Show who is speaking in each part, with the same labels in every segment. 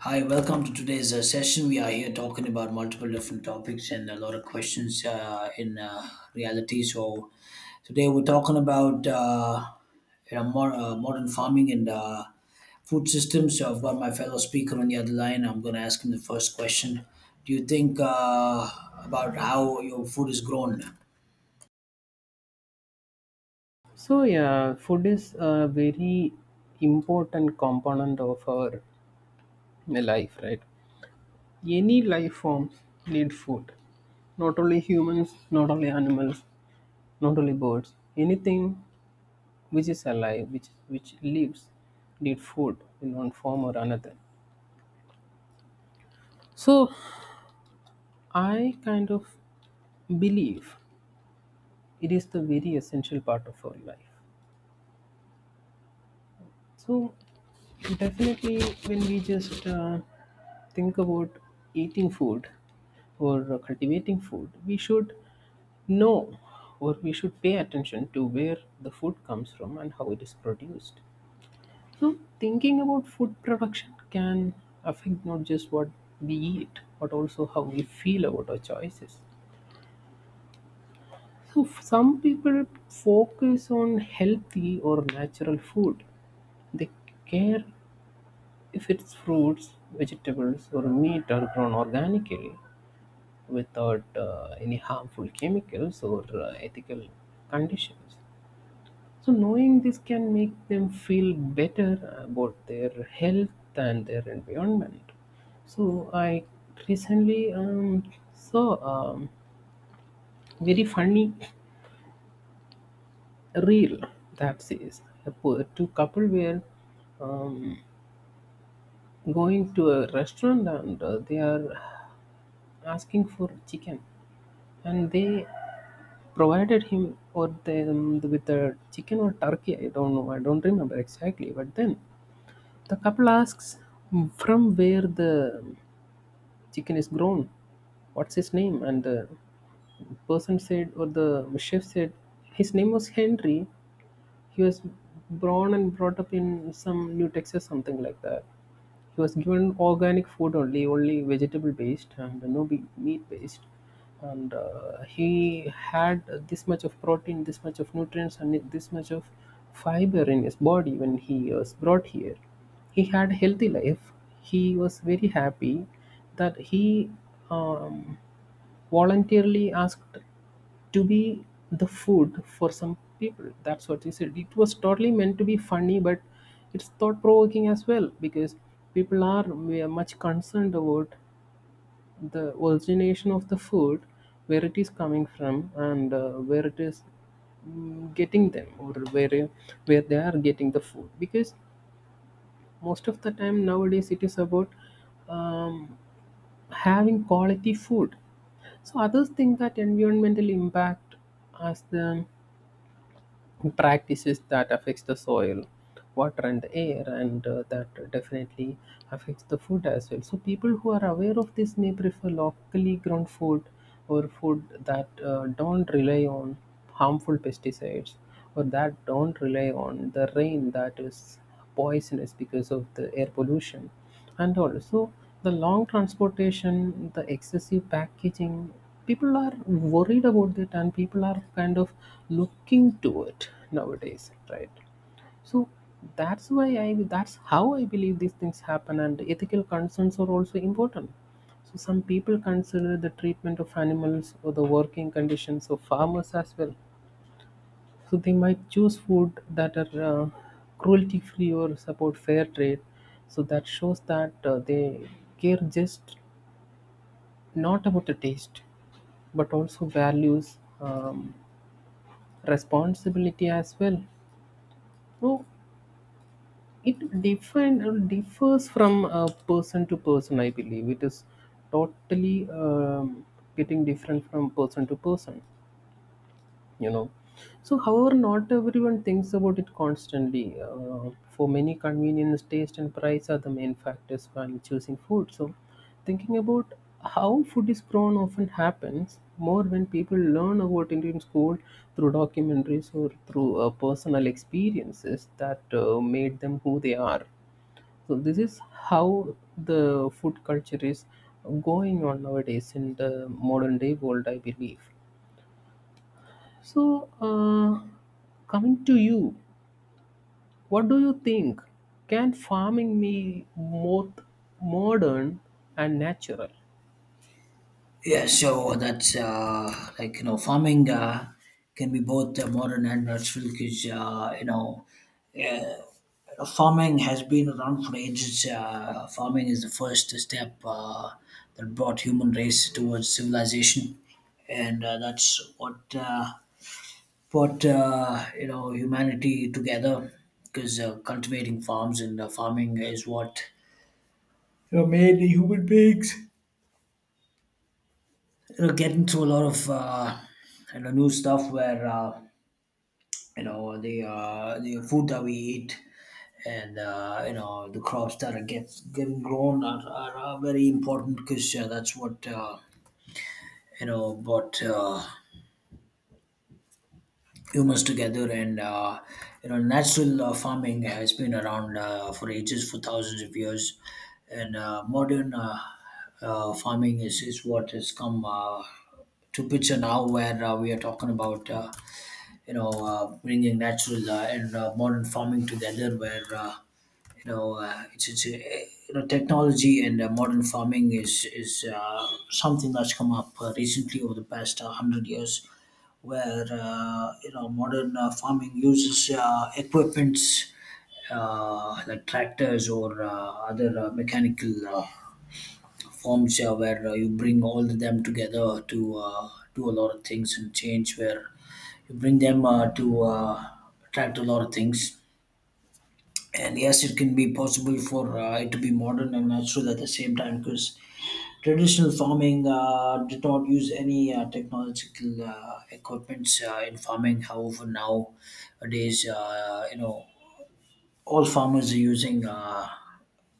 Speaker 1: Hi, welcome to today's session. We are here talking about multiple different topics and a lot of questions in reality. So today we're talking about modern farming and food systems. So I've got my fellow speaker on the other line. I'm going to ask him the first question. Do you think about how your food is grown?
Speaker 2: So yeah, food is a very important component of our life, right? Any life forms need food. Not only humans, not only animals, not only birds. Anything which is alive, which lives, need food in one form or another. So I kind of believe it is the very essential part of our life. So definitely, when we just think about eating food or cultivating food, we should know or we should pay attention to where the food comes from and how it is produced. So thinking about food production can affect not just what we eat, but also how we feel about our choices. So some people focus on healthy or natural food. They care if its fruits, vegetables, or meat are grown organically without any harmful chemicals or ethical conditions. So, knowing this can make them feel better about their health and their environment. So, I recently saw a very funny reel that says two couple were um, going to a restaurant and they are asking for chicken. And they provided him or them with a chicken or turkey. I don't know. I don't remember exactly. But then the couple asks, " from where the chicken is grown. What's his name?" And the person said, or the chef said, his name was Henry, he was born and brought up in some New Texas, something like that. He was given organic food only, only vegetable based and no meat based. And he had this much of protein, this much of nutrients, and this much of fiber in his body when he was brought here. He had a healthy life. He was very happy that he um, voluntarily asked to be the food for some people. That's what he said. It was totally meant to be funny, but it's thought provoking as well because people are we are much concerned about the origination of the food, where it is coming from, and where it is getting them or where they are getting the food because most of the time nowadays it is about um, having quality food. So others think that environmental impact as the practices that affects the soil, water and the air, and that definitely affects the food as well. So people who are aware of this may prefer locally grown food or food that don't rely on harmful pesticides or that don't rely on the rain that is poisonous because of the air pollution, and also the long transportation, the excessive packaging. People are worried about it, and people are kind of looking to it nowadays, right? So that's how I believe these things happen, and ethical concerns are also important. So some people consider the treatment of animals or the working conditions of farmers as well, so they might choose food that are cruelty free or support fair trade. So that shows that they care just not about the taste, but also values, responsibility as well. So it differs from person to person, I believe. It is totally getting different from person to person. you know so however, not everyone thinks about it constantly. For many, convenience, taste and price are the main factors when choosing food. So thinking about how food is grown often happens more when people learn about Indian school through documentaries or through personal experiences that made them who they are. So this is how the food culture is going on nowadays in the modern day world, I believe. So, coming to you, what do you think? Can farming be both modern and natural?
Speaker 1: Yeah, so that's farming can be both modern and natural because uh, farming has been around for ages. Farming is the first step that brought human race towards civilization, and that's what brought humanity together. Because cultivating farms and farming is what made the human beings getting through a lot of new stuff where. The food that we eat and the crops that getting grown are very important because that's what brought humans together, and natural farming has been around for ages, for thousands of years, and modern farming is what has come to picture now, where we are talking about bringing natural and modern farming together, where it's technology and modern farming is something that's come up recently over the past hundred years, where modern farming uses equipments like tractors or other mechanical forms, where you bring all of them together to do a lot of things and change, where you bring them to attract a lot of things. And yes, it can be possible for it to be modern and natural at the same time, because traditional farming did not use any technological equipments in farming. However, nowadays all farmers are using uh,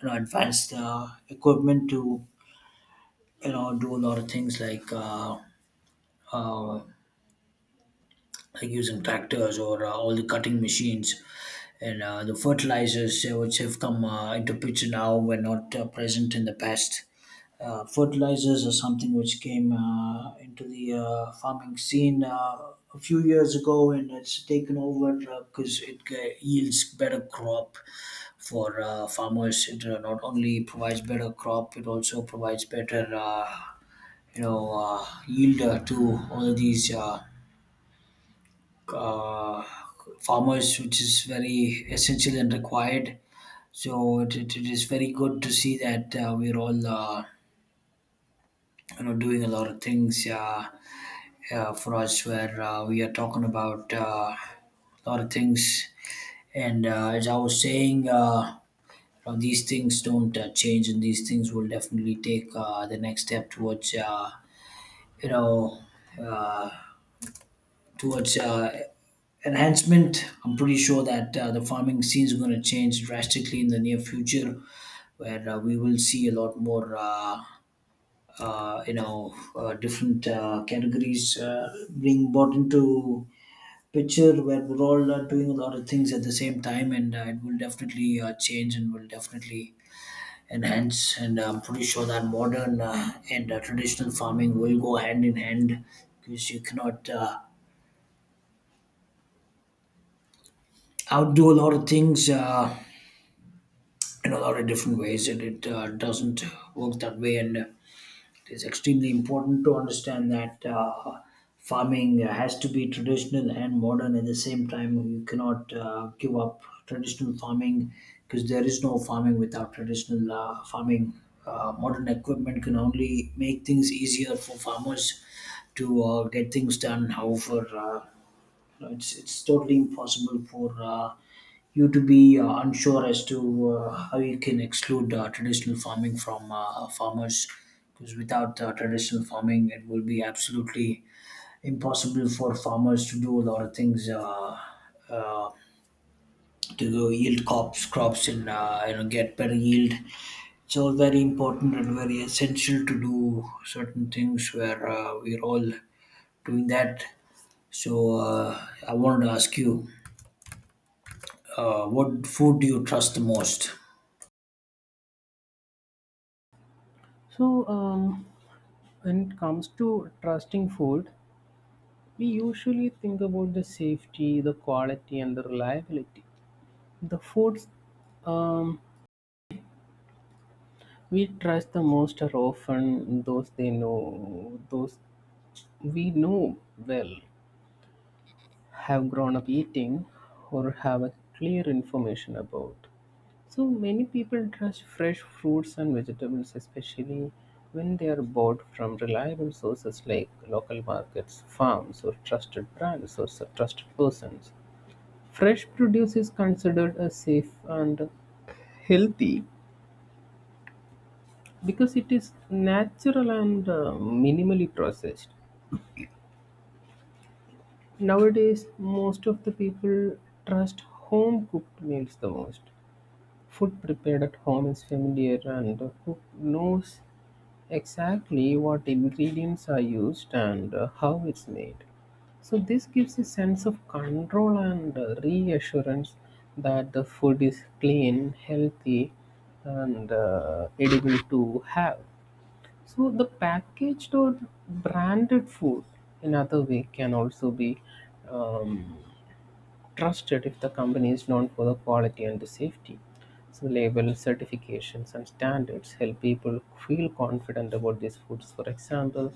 Speaker 1: you know advanced equipment to do a lot of things, uh, like using tractors or all the cutting machines, and the fertilizers which have come into picture now were not present in the past. Fertilizers are something which came into the farming scene a few years ago, and it's taken over because it yields better crop for farmers. It not only provides better crop, it also provides better, yield to all these. Uh, Farmers, which is very essential and required. So it is very good to see that we're all doing a lot of things for us, where we are talking about a lot of things. And as I was saying, these things don't change, and these things will definitely take the next step towards you know. Uh, towards uh, enhancement. I'm pretty sure that the farming scene is going to change drastically in the near future, where we will see a lot more, different categories being brought into picture, where we're all doing a lot of things at the same time, and it will definitely change and will definitely enhance. And I'm pretty sure that modern and traditional farming will go hand in hand, because you cannot. I would do a lot of things in a lot of different ways, and it doesn't work that way. And it is extremely important to understand that farming has to be traditional and modern at the same time. You cannot give up traditional farming, because there is no farming without traditional farming. Modern equipment can only make things easier for farmers to get things done. However, it's totally impossible for you to be unsure as to how you can exclude traditional farming from farmers, because without traditional farming it will be absolutely impossible for farmers to do a lot of things uh, to go yield crops and get better yield. It's all very important and very essential to do certain things where we're all doing that. So I wanted to ask you, what food do you trust the most?
Speaker 2: So, when it comes to trusting food, we usually think about the safety, the quality, and the reliability. The foods um, we trust the most are often those they know, those we know well. Have grown up eating or have a clear information about. So many people trust fresh fruits and vegetables, especially when they are bought from reliable sources like local markets, farms, or trusted brands or trusted persons. Fresh produce is considered a safe and healthy because it is natural and minimally processed. Nowadays, most of the people trust home cooked meals the most. Food prepared at home is familiar, and the cook knows exactly what ingredients are used and how it's made. So, this gives a sense of control and reassurance that the food is clean, healthy, and edible to have. So, the packaged or branded food, in other way, can also be um, trusted if the company is known for the quality and the safety. So labels, certifications, and standards help people feel confident about these foods. For example,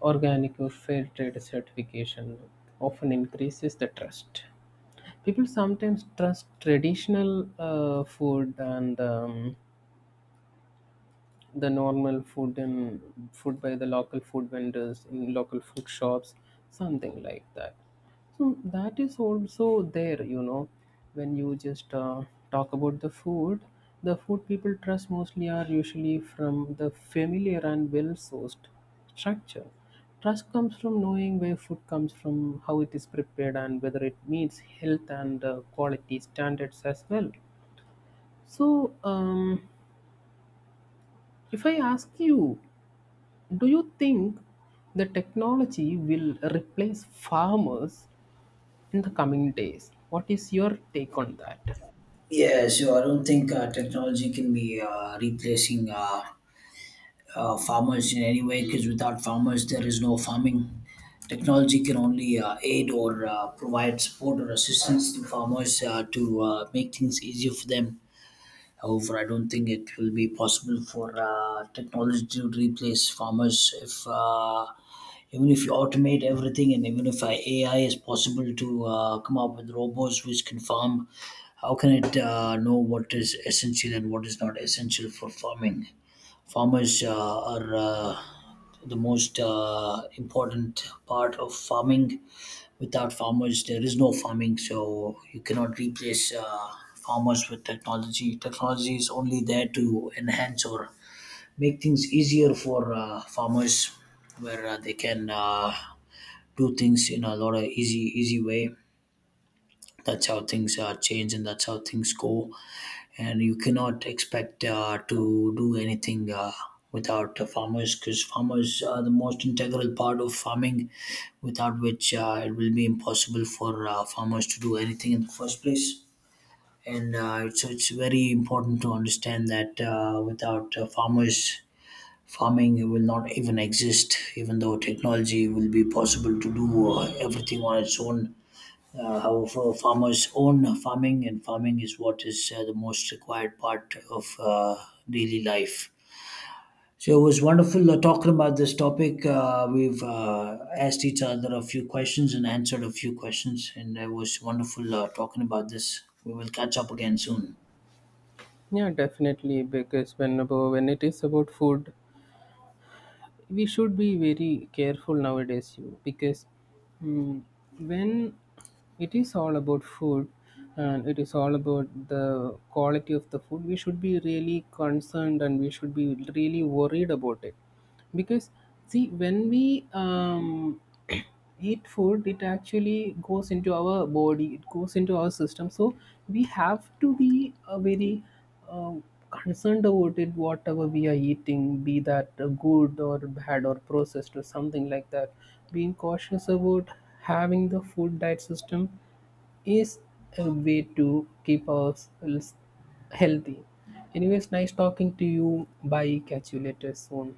Speaker 2: organic or fair trade certification often increases the trust. People sometimes trust traditional food and the normal food and food by the local food vendors in local food shops, something like that. So that is also there, you know. When you just talk about the food, the food people trust mostly are usually from the familiar and well sourced structure. Trust comes from knowing where food comes from, how it is prepared, and whether it meets health and quality standards as well. So if I ask you, do you think the technology will replace farmers in the coming days? What is your take on that?
Speaker 1: Yeah, so I don't think technology can be replacing farmers in any way, because without farmers, there is no farming. Technology can only aid or provide support or assistance to farmers to make things easier for them. However, I don't think it will be possible for technology to replace farmers if even if you automate everything, and even if AI is possible to come up with robots which can farm, how can it know what is essential and what is not essential for farming? Farmers are the most important part of farming. Without farmers there is no farming, so you cannot replace farmers with technology. Technology is only there to enhance or make things easier for farmers, where they can do things in a lot of easy way. That's how things change, and that's how things go. And you cannot expect to do anything without farmers, because farmers are the most integral part of farming, without which it will be impossible for farmers to do anything in the first place. And so it's very important to understand that without farmers, farming will not even exist, even though technology will be possible to do everything on its own. However, farmers own farming, and farming is what is the most required part of daily life. So it was wonderful talking about this topic. We've asked each other a few questions and answered a few questions, and it was wonderful talking about this. We will catch up again soon.
Speaker 2: Yeah, definitely. Because when it is about food, we should be very careful nowadays. You because mm, when it is all about food and it is all about the quality of the food, we should be really concerned and we should be really worried about it. Because see, when we eat food, it actually goes into our body, it goes into our system. So we have to be very uh, concerned about it, whatever we are eating, be that good or bad or processed or something like that. Being cautious about having the food diet system is a way to keep ourselves healthy. Anyways, nice talking to you. Bye, catch you later soon.